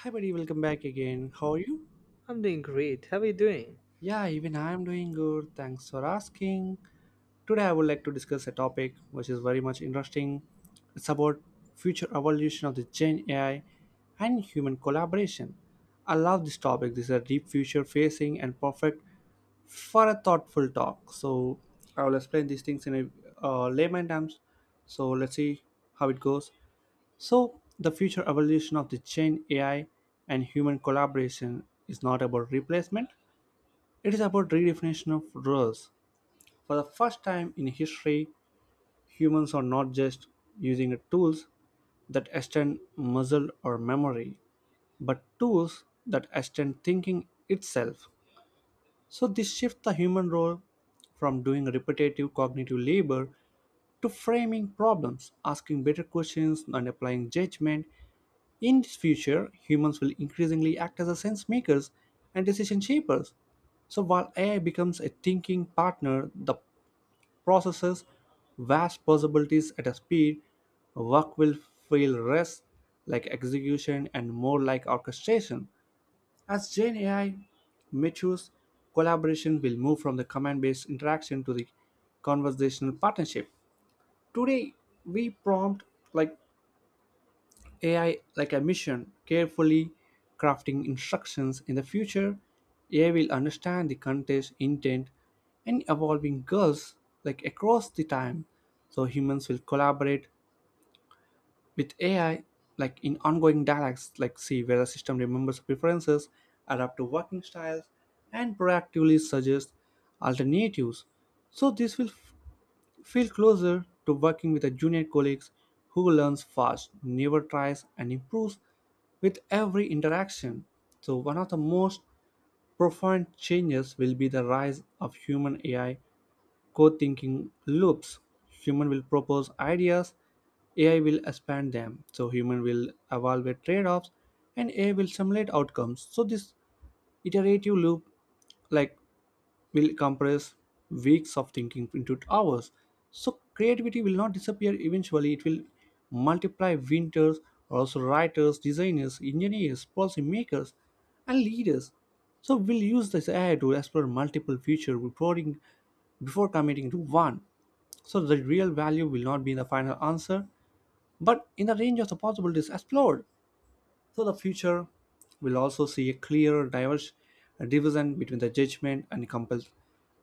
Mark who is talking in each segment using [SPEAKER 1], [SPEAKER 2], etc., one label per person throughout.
[SPEAKER 1] Hi, buddy, welcome back again. How are you?
[SPEAKER 2] I'm doing great. How are you doing?
[SPEAKER 1] Yeah, even I am doing good. Thanks for asking. Today, I would like to discuss a topic which is very much interesting. It's about future evolution of the Gen AI and human collaboration. I love this topic. This is a deep future facing and perfect for a thoughtful talk. So, I will explain these things in a layman terms. So, let's see how it goes. So, the future evolution of the Gen AI and human collaboration is not about replacement, it is about redefinition of roles. For the first time in history, humans are not just using the tools that extend muscle or memory, but tools that extend thinking itself. So this shifts the human role from doing repetitive cognitive labor to framing problems, asking better questions, and applying judgment. In this future, humans will increasingly act as a sense makers and decision shapers. So while AI becomes a thinking partner that processes vast possibilities at a speed, work will feel less like execution and more like orchestration. As Gen AI matures, collaboration will move from the command based interaction to the conversational partnership. Today, we prompt like AI like a mission, carefully crafting instructions. In the future, AI will understand the context, intent, and evolving goals like across the time. So humans will collaborate with ai like in ongoing dialogues like see where the system remembers preferences, adapt to working styles, and proactively suggests alternatives. So this will feel closer to working with a junior colleagues who learns fast, never tries, and improves with every interaction. So one of the most profound changes will be the rise of human ai co-thinking loops. Human will propose ideas, ai will expand them. So human will evaluate trade-offs and ai will simulate outcomes. So this iterative loop like will compress weeks of thinking into hours. So creativity will not disappear eventually, it will multiply winters, are also writers, designers, engineers, policy makers, and leaders. So we'll use this AI to explore multiple future reporting before committing to one. So the real value will not be the final answer, but in the range of the possibilities explored. So the future will also see a clear diverse division between the judgment and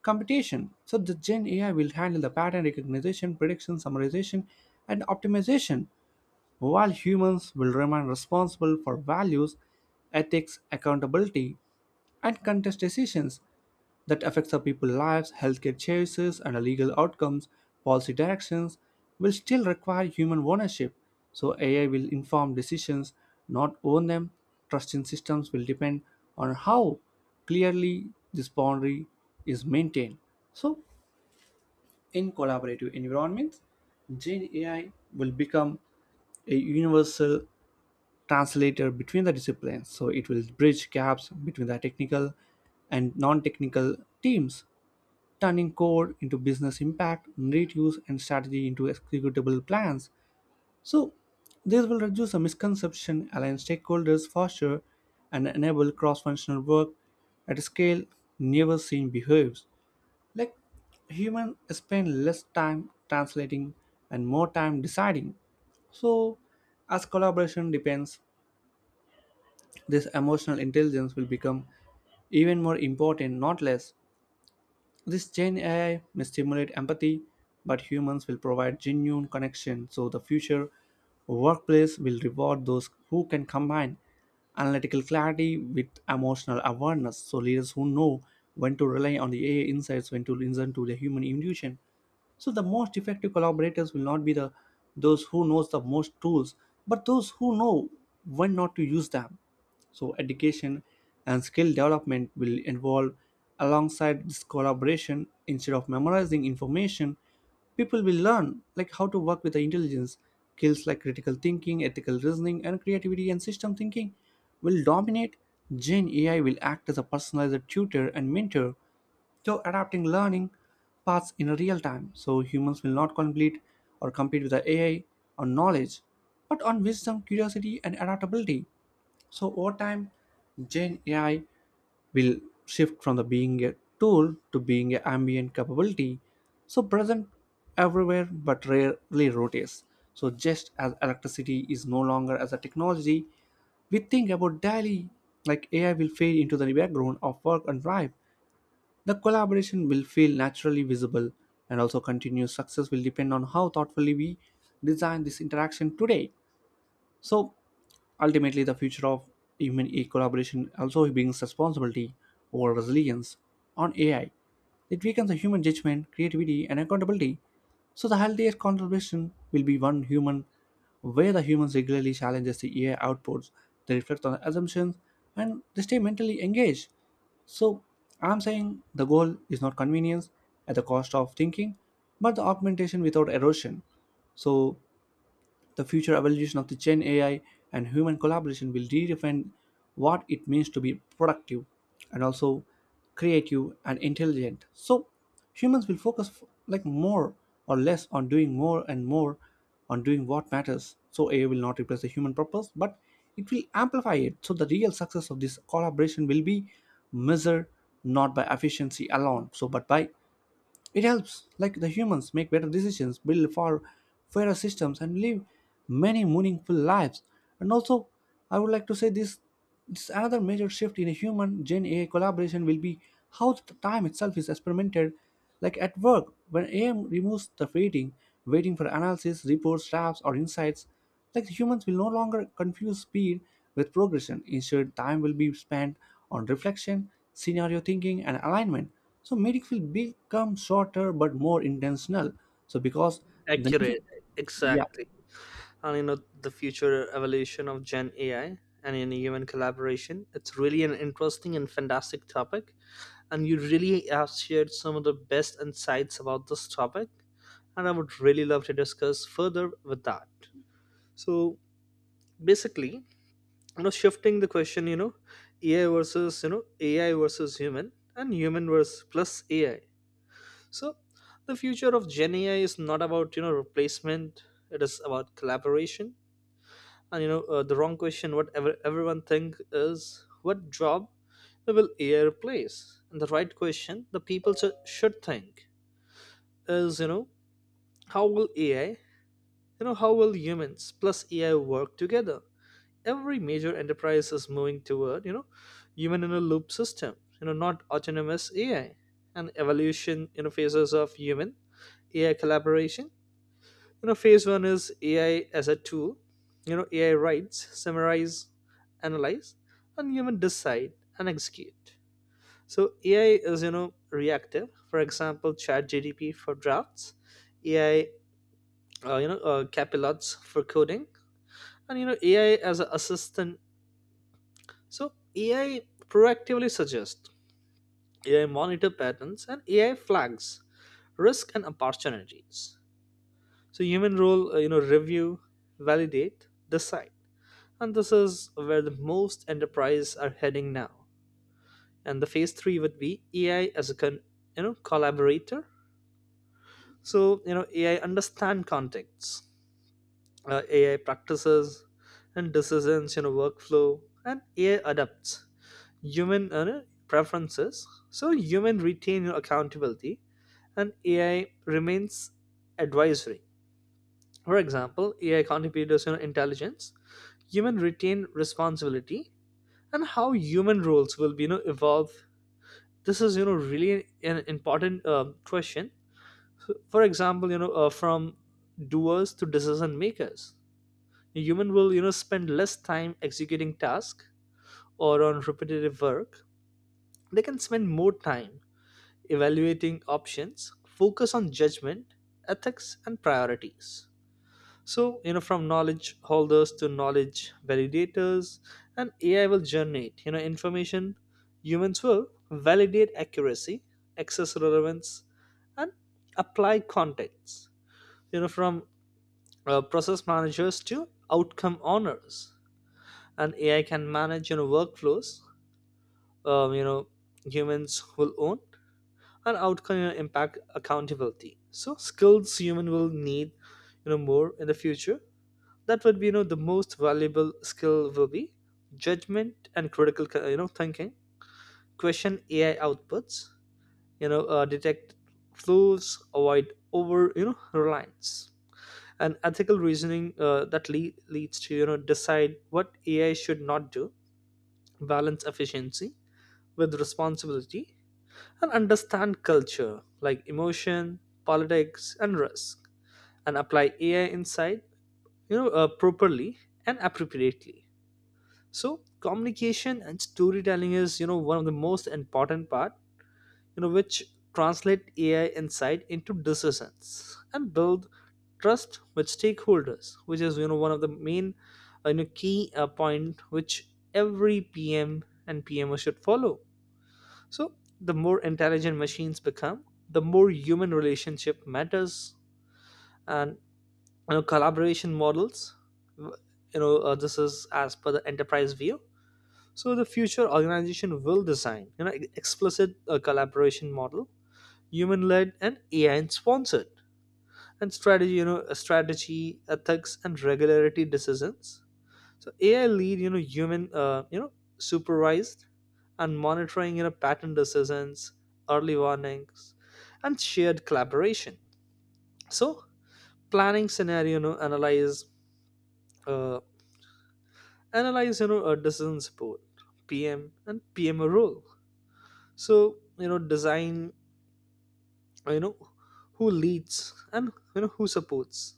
[SPEAKER 1] computation. So the Gen AI will handle the pattern recognition, prediction, summarization, and optimization while humans will remain responsible for values, ethics, accountability, and contest decisions that affects our people's lives, healthcare choices, and legal outcomes, policy directions will still require human ownership. So AI will inform decisions, not own them. Trust in systems will depend on how clearly this boundary is maintained. So in collaborative environments, Gen AI will become a universal translator between the disciplines, so it will bridge gaps between the technical and non-technical teams, turning code into business impact reduce and strategy into executable plans. So this will reduce a misconception, align stakeholders faster, and enable cross-functional work at a scale never seen behaves like humans spend less time translating and more time deciding. So as collaboration depends, this emotional intelligence will become even more important, not less. This Gen AI may stimulate empathy, but humans will provide genuine connection. So the future workplace will reward those who can combine analytical clarity with emotional awareness. So leaders who know when to rely on the AI insights, when to listen to the human intuition. So the most effective collaborators will not be the those who knows the most tools, but those who know when not to use them. So, education and skill development will involve alongside this collaboration. Instead of memorizing information, people will learn like how to work with the intelligence. Skills like critical thinking, ethical reasoning, and creativity and system thinking will dominate. Gen AI will act as a personalized tutor and mentor, so adapting learning paths in real time. So humans will not complete or compete with the AI on knowledge, but on wisdom, curiosity, and adaptability. So over time, Gen AI will shift from the being a tool to being an ambient capability, so present everywhere but rarely noticed. So just as electricity is no longer as a technology, we think about daily, like AI will fade into the background of work and life. The collaboration will feel naturally visible, and also continuous success will depend on how thoughtfully we design this interaction today. So ultimately, the future of human AI collaboration also brings responsibility over resilience on AI. It weakens the human judgment, creativity, and accountability. So the healthiest contribution will be one human, where the humans regularly challenges the AI outputs, they reflect on the assumptions, and they stay mentally engaged. So I'm saying the goal is not convenience at the cost of thinking, but the augmentation without erosion. So the future evolution of the Gen AI and human collaboration will redefine what it means to be productive and also creative and intelligent. So humans will focus like more or less on doing more and more on doing what matters. So AI will not replace the human purpose, but it will amplify it. So the real success of this collaboration will be measured not by efficiency alone, so but by it helps, like the humans, make better decisions, build far fairer systems, and live many meaningful lives. And also, I would like to say this: this another major shift in a human Gen AI collaboration will be how the time itself is experimented. Like at work, when AI removes the waiting, waiting for analysis, reports, drafts, or insights, like humans will no longer confuse speed with progression. Instead, time will be spent on reflection, scenario thinking, and alignment. So meetings will become shorter but more intentional. So because the
[SPEAKER 2] Accurate,
[SPEAKER 1] yeah
[SPEAKER 2] exactly. The future evolution of Gen AI and in human collaboration, it's really an interesting and fantastic topic. And you really have shared some of the best insights about this topic. And I would really love to discuss further with that. So basically, shifting the question, AI versus, AI versus human and human versus plus AI. So the future of Gen AI is not about replacement. It is about collaboration. And the wrong question. Whatever everyone think is what job will AI replace? And the right question the people should think is how will AI how will humans plus AI work together? Every major enterprise is moving toward human in a loop system. You know not autonomous AI and evolution interfaces of human AI collaboration, phase one is AI as a tool. You know, AI writes, summarize, analyze, and even decide and execute. So AI is, you know, reactive. For example, Chat GDP for drafts, AI, capilots for coding, and AI as an assistant. So AI proactively suggests, AI monitor patterns, and AI flags risk and opportunities. So human role, review, validate, decide. And this is where the most enterprises are heading now. And the phase three would be AI as a collaborator. So AI understand contexts, AI practices and decisions, workflow, and AI adapts human, preferences. So human retain your accountability, and AI remains advisory. For example, AI contributors intelligence, human retain responsibility. And how human roles will be, you know, evolve, this is, you know, really an important, question. For example, from doers to decision makers, a human will spend less time executing tasks or on repetitive work. They can spend more time evaluating options, focus on judgment, ethics, and priorities. So, from knowledge holders to knowledge validators, and AI will generate, information. Humans will validate accuracy, access relevance, and apply context. From process managers to outcome owners, and AI can manage, workflows. Um, you know, humans will own and outcome, you know, impact accountability. So, skills human will need, more in the future, that would be, you know, the most valuable skill will be judgment and critical, you know, thinking, question AI outputs, detect flaws, avoid over reliance, and ethical reasoning that leads to decide what AI should not do, balance efficiency with responsibility, and understand culture like emotion, politics, and risk, and apply AI insight, properly and appropriately. So communication and storytelling is, you know, one of the most important part, which translate AI insight into decisions and build trust with stakeholders, which is, you know, one of the main, key, point which every PM and PMO should follow. So the more intelligent machines become, the more human relationship matters. And collaboration models, this is as per the enterprise view. So the future organization will design, explicit, collaboration model, human-led, and AI and sponsored, and strategy, strategy, ethics, and regularity decisions. So AI lead, human, supervised and monitoring, pattern decisions, early warnings, and shared collaboration. So planning scenario, analyze, uh, analyze, decision support, PM and PMO role. So design, you know who leads, and who supports,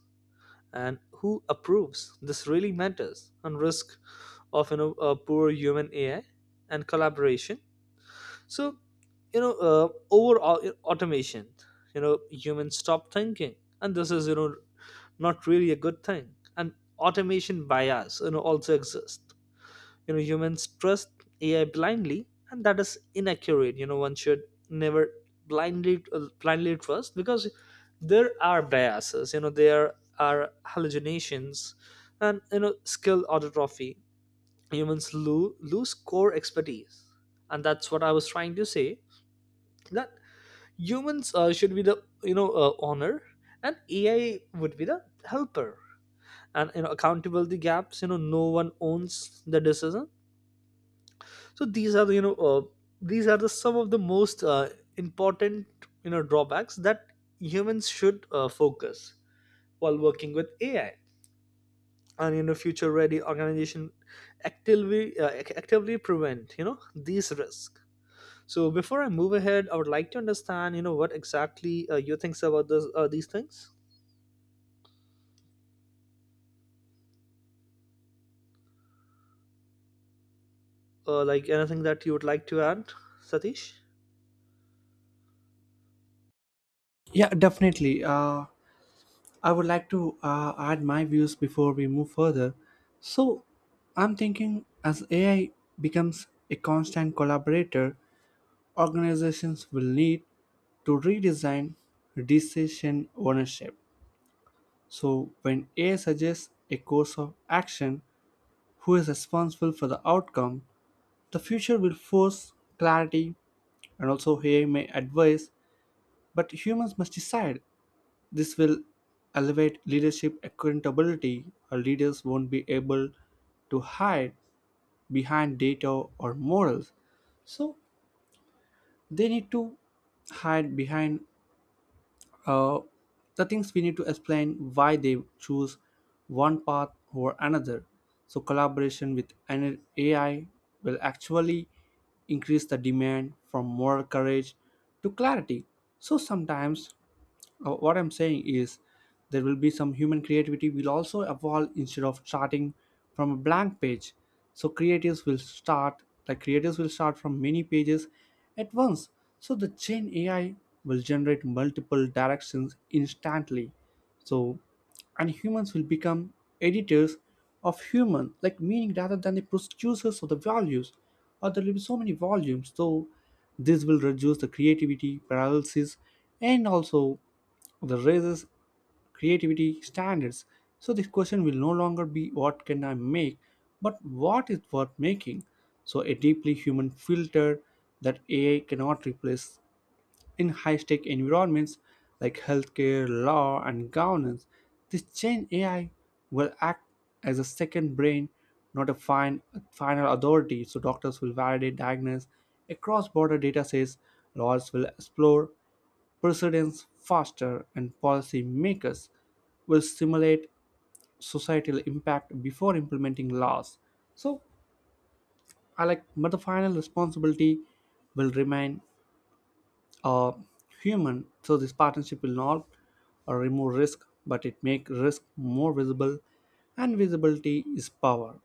[SPEAKER 2] and who approves, this really matters on risk of, you know, a poor human AI and collaboration. So overall, automation, you know, humans stop thinking, and this is, you know, not really a good thing. And automation bias, you know, also exists. You know, humans trust AI blindly, and that is inaccurate. You know, one should never blindly trust, because there are biases, you know, there are hallucinations, and you know, skill autotrophy, humans lose core expertise. And that's what I was trying to say, that humans, should be the, honor, and AI would be the helper. And accountability gaps, you know, no one owns the decision. So these are the, these are the some of the most, important, you know, drawbacks that humans should, focus while working with AI. And future ready organization actively, actively prevent, you know, these risks. So before I move ahead, I would like to understand, you know, what exactly, you thinks about this, these things, like anything that you would like to add, Satish.
[SPEAKER 1] yeah definitely. I would like to add my views before we move further. So I'm thinking as AI becomes a constant collaborator, organizations will need to redesign decision ownership. So, when AI suggests a course of action, who is responsible for the outcome? The future will force clarity, and also AI may advise, but humans must decide. This will elevate leadership accountability, or leaders won't be able to hide behind data or morals. So, they need to hide behind Uh, the things we need to explain why they choose one path over another. So collaboration with an AI will actually increase the demand from moral courage to clarity. So sometimes what I'm saying is there will be some human creativity will also evolve instead of starting from a blank page. So creatives will start like creators will start from many pages at once. So the Gen AI will generate multiple directions instantly. So and humans will become editors of human like meaning rather than the producers of the values, or there will be so many volumes. So this will reduce the creativity paralysis and also the raises creativity standards. So this question will no longer be what can I make, but what is worth making. So a deeply human filter that AI cannot replace in high-stake environments like healthcare, law, and governance. This change AI will act as a second brain, not a final authority. So doctors will validate diagnose across border data sets, lawyers will explore precedents faster, and policy makers will simulate societal impact before implementing laws. So, I like, but the final responsibility will remain uh, human. So, this partnership will not remove risk, but it make risk more visible, and visibility is power.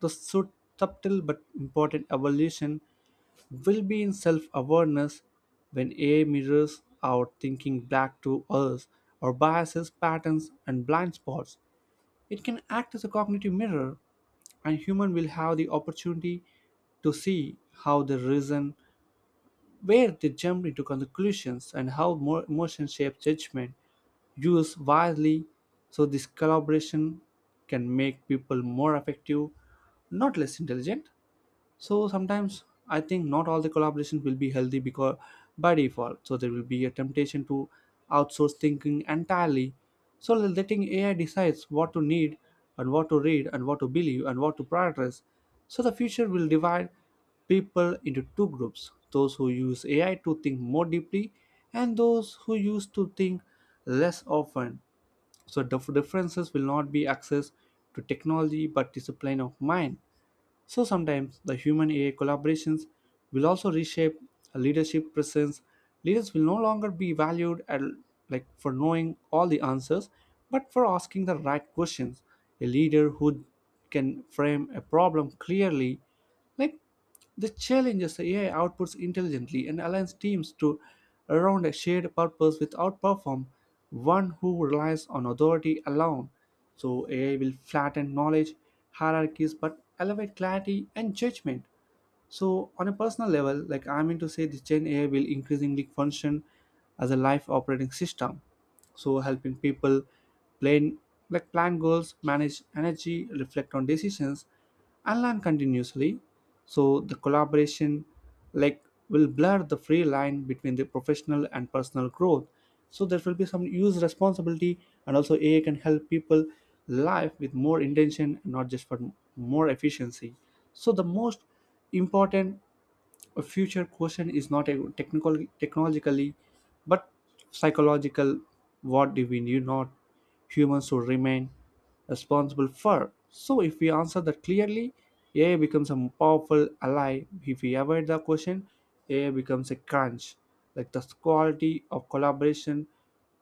[SPEAKER 1] The subtle but important evolution will be in self awareness when AI mirrors our thinking back to us, our biases, patterns, and blind spots. It can act as a cognitive mirror, and human will have the opportunity to see how they reason, where they jump into conclusions, and how more emotion shapes judgment. Use wisely, so this collaboration can make people more effective, not less intelligent. So sometimes I think not all the collaborations will be healthy because by default. So there will be a temptation to outsource thinking entirely. So letting AI decides what to need and what to read and what to believe and what to prioritize. So the future will divide people into two groups, those who use AI to think more deeply and those who use to think less often. So the differences will not be access to technology but discipline of mind. So sometimes the human AI collaborations will also reshape a leadership presence. Leaders will no longer be valued at, like for knowing all the answers, but for asking the right questions. A leader who can frame a problem clearly, like the challenges AI outputs intelligently and aligns teams to around a shared purpose without perform one who relies on authority alone. So AI will flatten knowledge hierarchies but elevate clarity and judgment. So on a personal level, like I mean to say, the Gen AI will increasingly function as a life operating system, so helping people plan, plan goals, manage energy, reflect on decisions, and learn continuously. So the collaboration like will blur the free line between the professional and personal growth. So there will be some use responsibility, and also AI can help people life with more intention, not just for more efficiency. So the most important a future question is not a technical technologically but psychological. What do we do not humans should remain responsible for? So if we answer that clearly, AI becomes a powerful ally. If we avoid the question, AI becomes a crunch. Like, the quality of collaboration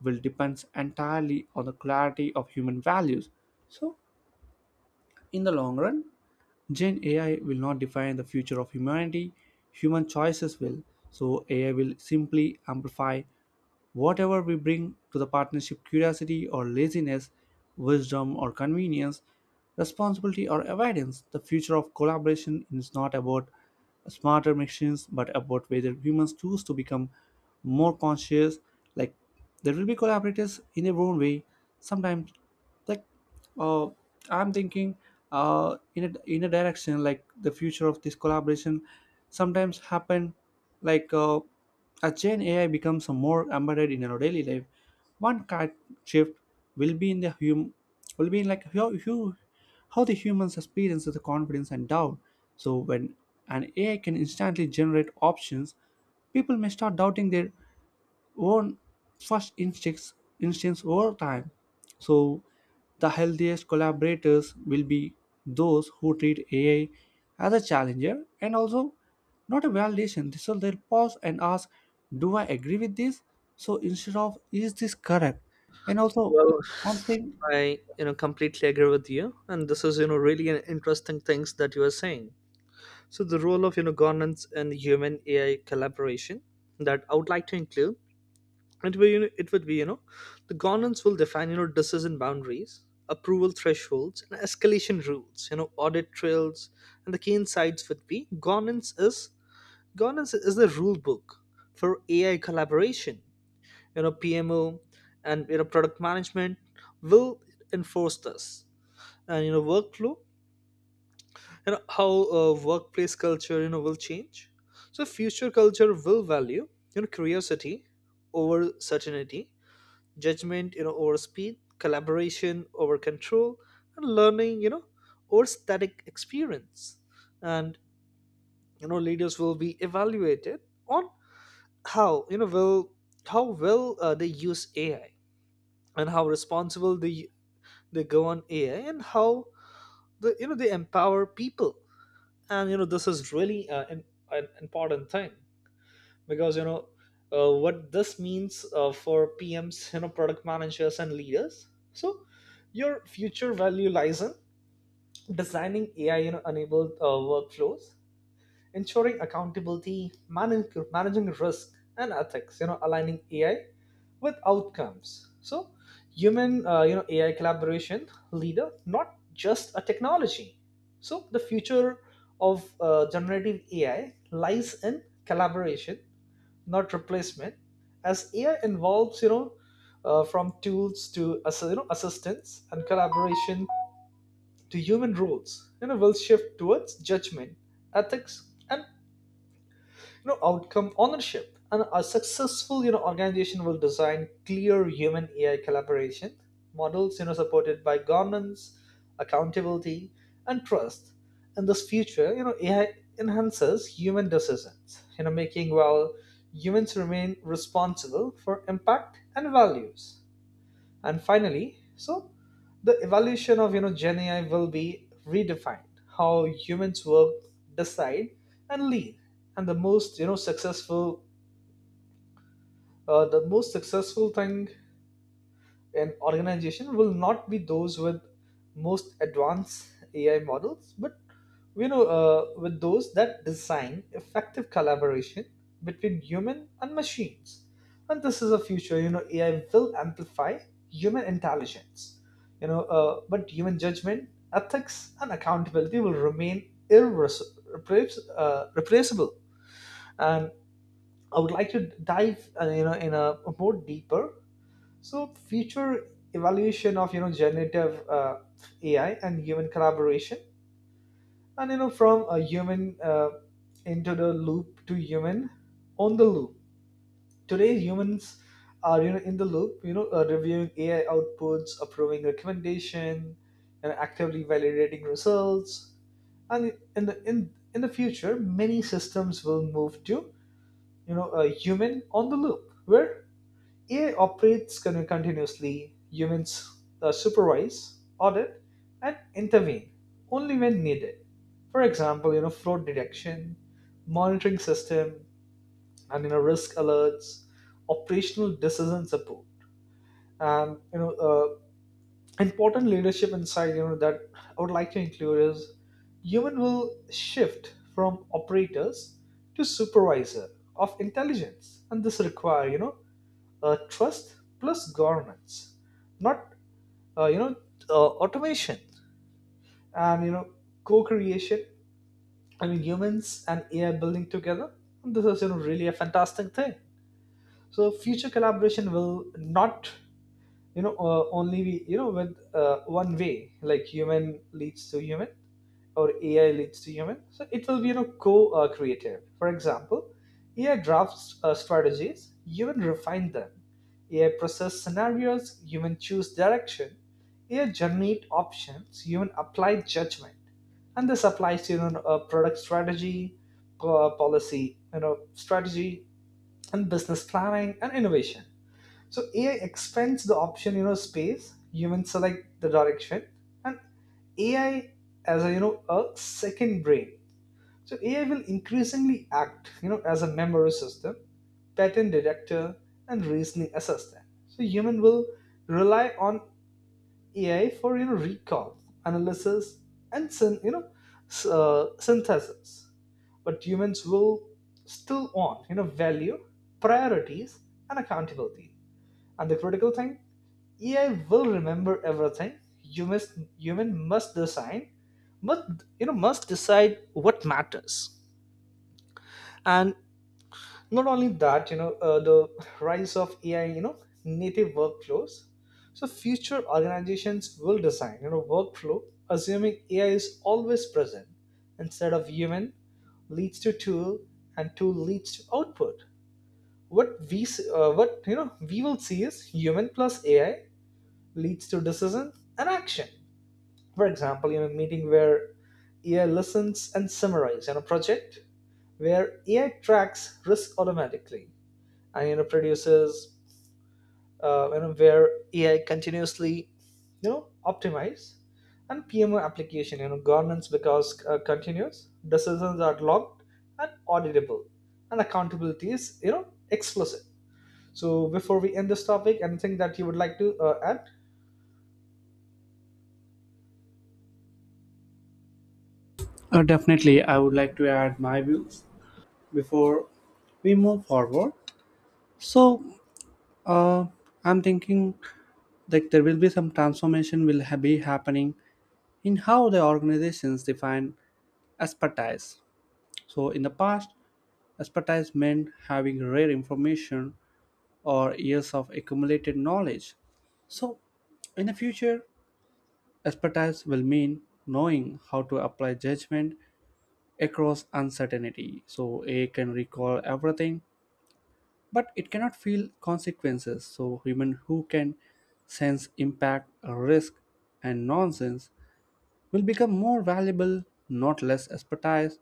[SPEAKER 1] will depends entirely on the clarity of human values. So in the long run, Gen AI will not define the future of humanity, human choices will. So, AI will simply amplify whatever we bring to the partnership: curiosity or laziness, wisdom or convenience, responsibility or avoidance. The future of collaboration is not about smarter machines but about whether humans choose to become more conscious. Like, there will be collaborators in their own way, sometimes like like uh, I'm thinking in a direction like the future of this collaboration sometimes happen, like uh, as Gen AI becomes more embedded in our daily life. One cat shift will be in the hum, will be in like how the humans experience the confidence and doubt. So when an AI can instantly generate options, people may start doubting their own first instincts over time. So the healthiest collaborators will be those who treat AI as a challenger and also not a validation, so they'll pause and ask, do I agree with this, so instead of is this correct. And also
[SPEAKER 2] Well,
[SPEAKER 1] one thing,
[SPEAKER 2] I, you know, completely agree with you, and this is, you know, really an interesting things that you are saying. So the role of, you know, governance and human AI collaboration that I would like to include, it will, it would be, you know, the governance will define, you know, decision boundaries, approval thresholds, and escalation rules. You know audit trails, and the key insights would be, governance is the rule book for AI collaboration. You know PMO and product management will enforce this. And workflow, you know, how, workplace culture, you know, will change. So future culture will value, you know, curiosity over certainty, judgment, you know, over speed, collaboration over control, and learning, you know, over static experience. And leaders will be evaluated on how you know will how well, they use AI, and how responsible they go on AI, and how, they empower people. And this is really, an important thing, because what this means, for PMs, you know, product managers, and leaders. So your future value lies in designing AI, you know, enabled, workflows, ensuring accountability, managing risk and ethics, aligning AI with outcomes. So, human, AI collaboration leader, not just a technology. So, the future of, generative AI lies in collaboration, not replacement. As AI involves, from tools to assistance and collaboration, to human roles, will shift towards judgment, ethics, and outcome ownership. And a successful, organization will design clear human AI collaboration models, supported by governance, accountability, and trust. In this future, AI enhances human decisions, making, while humans remain responsible for impact and values. And finally, so the evaluation of, you know, Gen AI will be redefined how humans work, decide, and lead. And the most, you know, successful, the most successful thing, an organization will not be those with most advanced AI models, but, with those that design effective collaboration between human and machines. And this is a future, AI will amplify human intelligence, but human judgment, ethics, and accountability will remain irreplaceable. Replaceable. And I would like to dive, in a more deeper, so future evaluation of, you know, generative, AI and human collaboration, and from a human, into the loop to human on the loop. Today humans are, you know, in the loop, reviewing AI outputs, approving recommendation, and actively validating results. And in the future, many systems will move to, you know, a human on the loop, where AI operates continuously. Humans, supervise, audit, and intervene only when needed. For example, fraud detection, monitoring system, and risk alerts, operational decision support, and important leadership insight. You know that I would like to include is human will shift from operators to supervisor of intelligence, and this require, trust plus governance, not, uh, you know automation. And co-creation, I mean humans and AI building together. This is, you know, really a fantastic thing. So future collaboration will not, only we, you know, with, one way, like human leads to human or AI leads to human. So it will be, you know, co-creative. For example, AI drafts, strategies, human refine them; AI process scenarios, human choose direction; AI generate options, human apply judgment. And this applies to, product strategy, policy, you know strategy, and business planning, and innovation. So AI expands the option, space. Humans select the direction, and AI as a, a second brain. So AI will increasingly act, as a memory system, pattern detector, and reasoning assistant. So human will rely on AI for, you know, recall, analysis, and synthesis. But humans will still want, you know, value, priorities, and accountability. And the critical thing, AI will remember everything. Human must decide, but, you know, must decide what matters. And not only that, the rise of AI, you know, native workflows. So future organizations will design, workflow assuming AI is always present, instead of human leads to tool and tool leads to output. What we will see is human plus AI leads to decision and action. For example, in a meeting where AI listens and summarizes, in a project where AI tracks risk automatically and produces, where AI continuously, optimize, and PMO application, governance, because, continuous decisions are logged and auditable, and accountability is, you know, explicit. So before we end this topic, anything that you would like to, add?
[SPEAKER 1] definitely I would like to add my views before we move forward. So uh, I'm thinking, like, there will be some transformation will be happening in how the organizations define expertise. So, in the past, expertise meant having rare information or years of accumulated knowledge. So, in the future, expertise will mean knowing how to apply judgment across uncertainty. So, A I can recall everything, but it cannot feel consequences. So, human who can sense impact, risk, and nonsense will become more valuable, not less. Expertise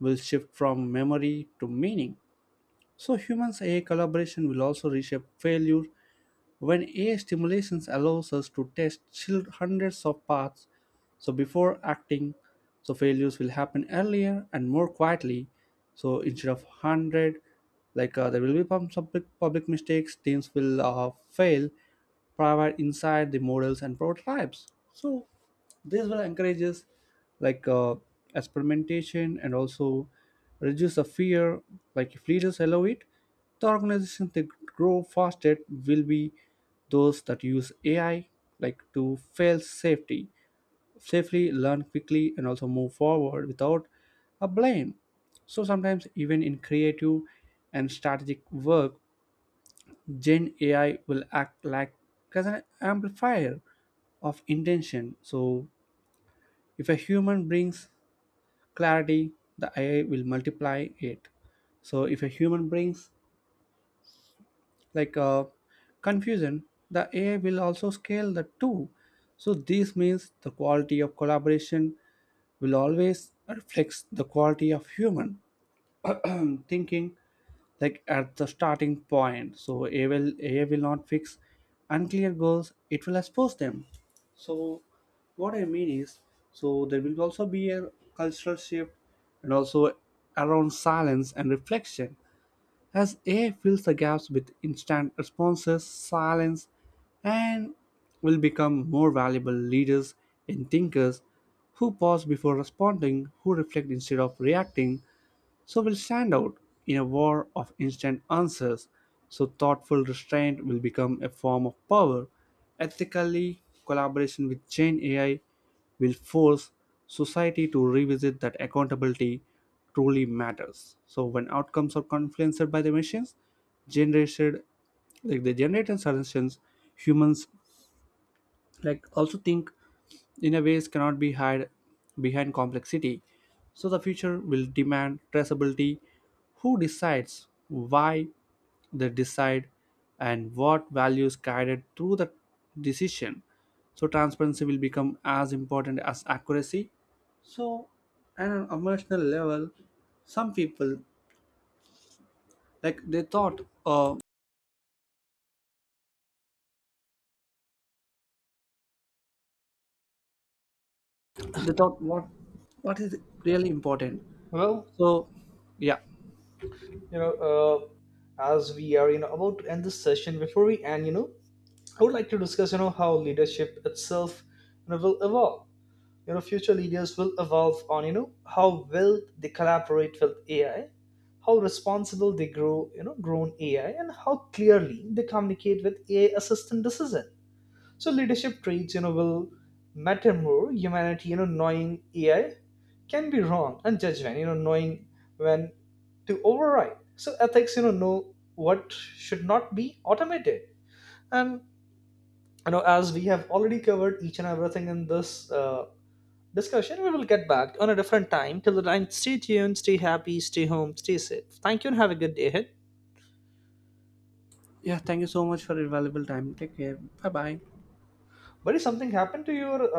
[SPEAKER 1] will shift from memory to meaning. So humans AI collaboration will also reshape failure when AI stimulations allows us to test hundreds of paths. So before acting, so failures will happen earlier and more quietly. So instead of 100, there will be public mistakes, teams will fail private inside the models and prototypes. So this will encourage us, like uh, experimentation, and also reduce the fear, like if leaders allow it. The organizations that grow faster will be those that use AI like to fail safety safely, learn quickly, and also move forward without a blame. So sometimes even in creative and strategic work, Gen AI will act like as an amplifier of intention. So if a human brings clarity, the AI will multiply it. So if a human brings like uh, confusion, the AI will also scale the two. So this means the quality of collaboration will always reflect the quality of human thinking, like at the starting point. So AI will not fix unclear goals, it will expose them. So what I mean is, so there will also be a cultural shift, and also around silence and reflection. As AI fills the gaps with instant responses, silence and will become more valuable. Leaders and thinkers who pause before responding, who reflect instead of reacting, so will stand out in a war of instant answers. So thoughtful restraint will become a form of power. Ethically, collaboration with Gen AI will force society to revisit that accountability truly matters. So when outcomes are influenced by the machines, generated, like the generated suggestions, humans like also think in a ways cannot be hid behind complexity. So the future will demand traceability. Who decides, why they decide, and what values guided through the decision. So transparency will become as important as accuracy. So at an emotional level, some people they thought what is really important.
[SPEAKER 2] Well,
[SPEAKER 1] So yeah.
[SPEAKER 2] you know uh, as we are, you know, about to end this session, before we end, I would like to discuss, you know, how leadership itself, you know, will evolve. You know, future leaders will evolve on, you know, how well they collaborate with AI, how responsible they grow, you know, grown AI, and how clearly they communicate with AI assistant decision. So leadership traits, will matter more. Humanity, knowing AI can be wrong, and judgment, knowing when to override. So ethics, know what should not be automated. And as we have already covered each and everything in this, discussion, we will get back on a different time. Till the time, stay tuned, stay happy, stay home, stay safe. Thank you, and have a good day ahead.
[SPEAKER 1] Yeah, thank you so much for your valuable time. Take care. Bye bye.
[SPEAKER 2] Buddy, something happened to your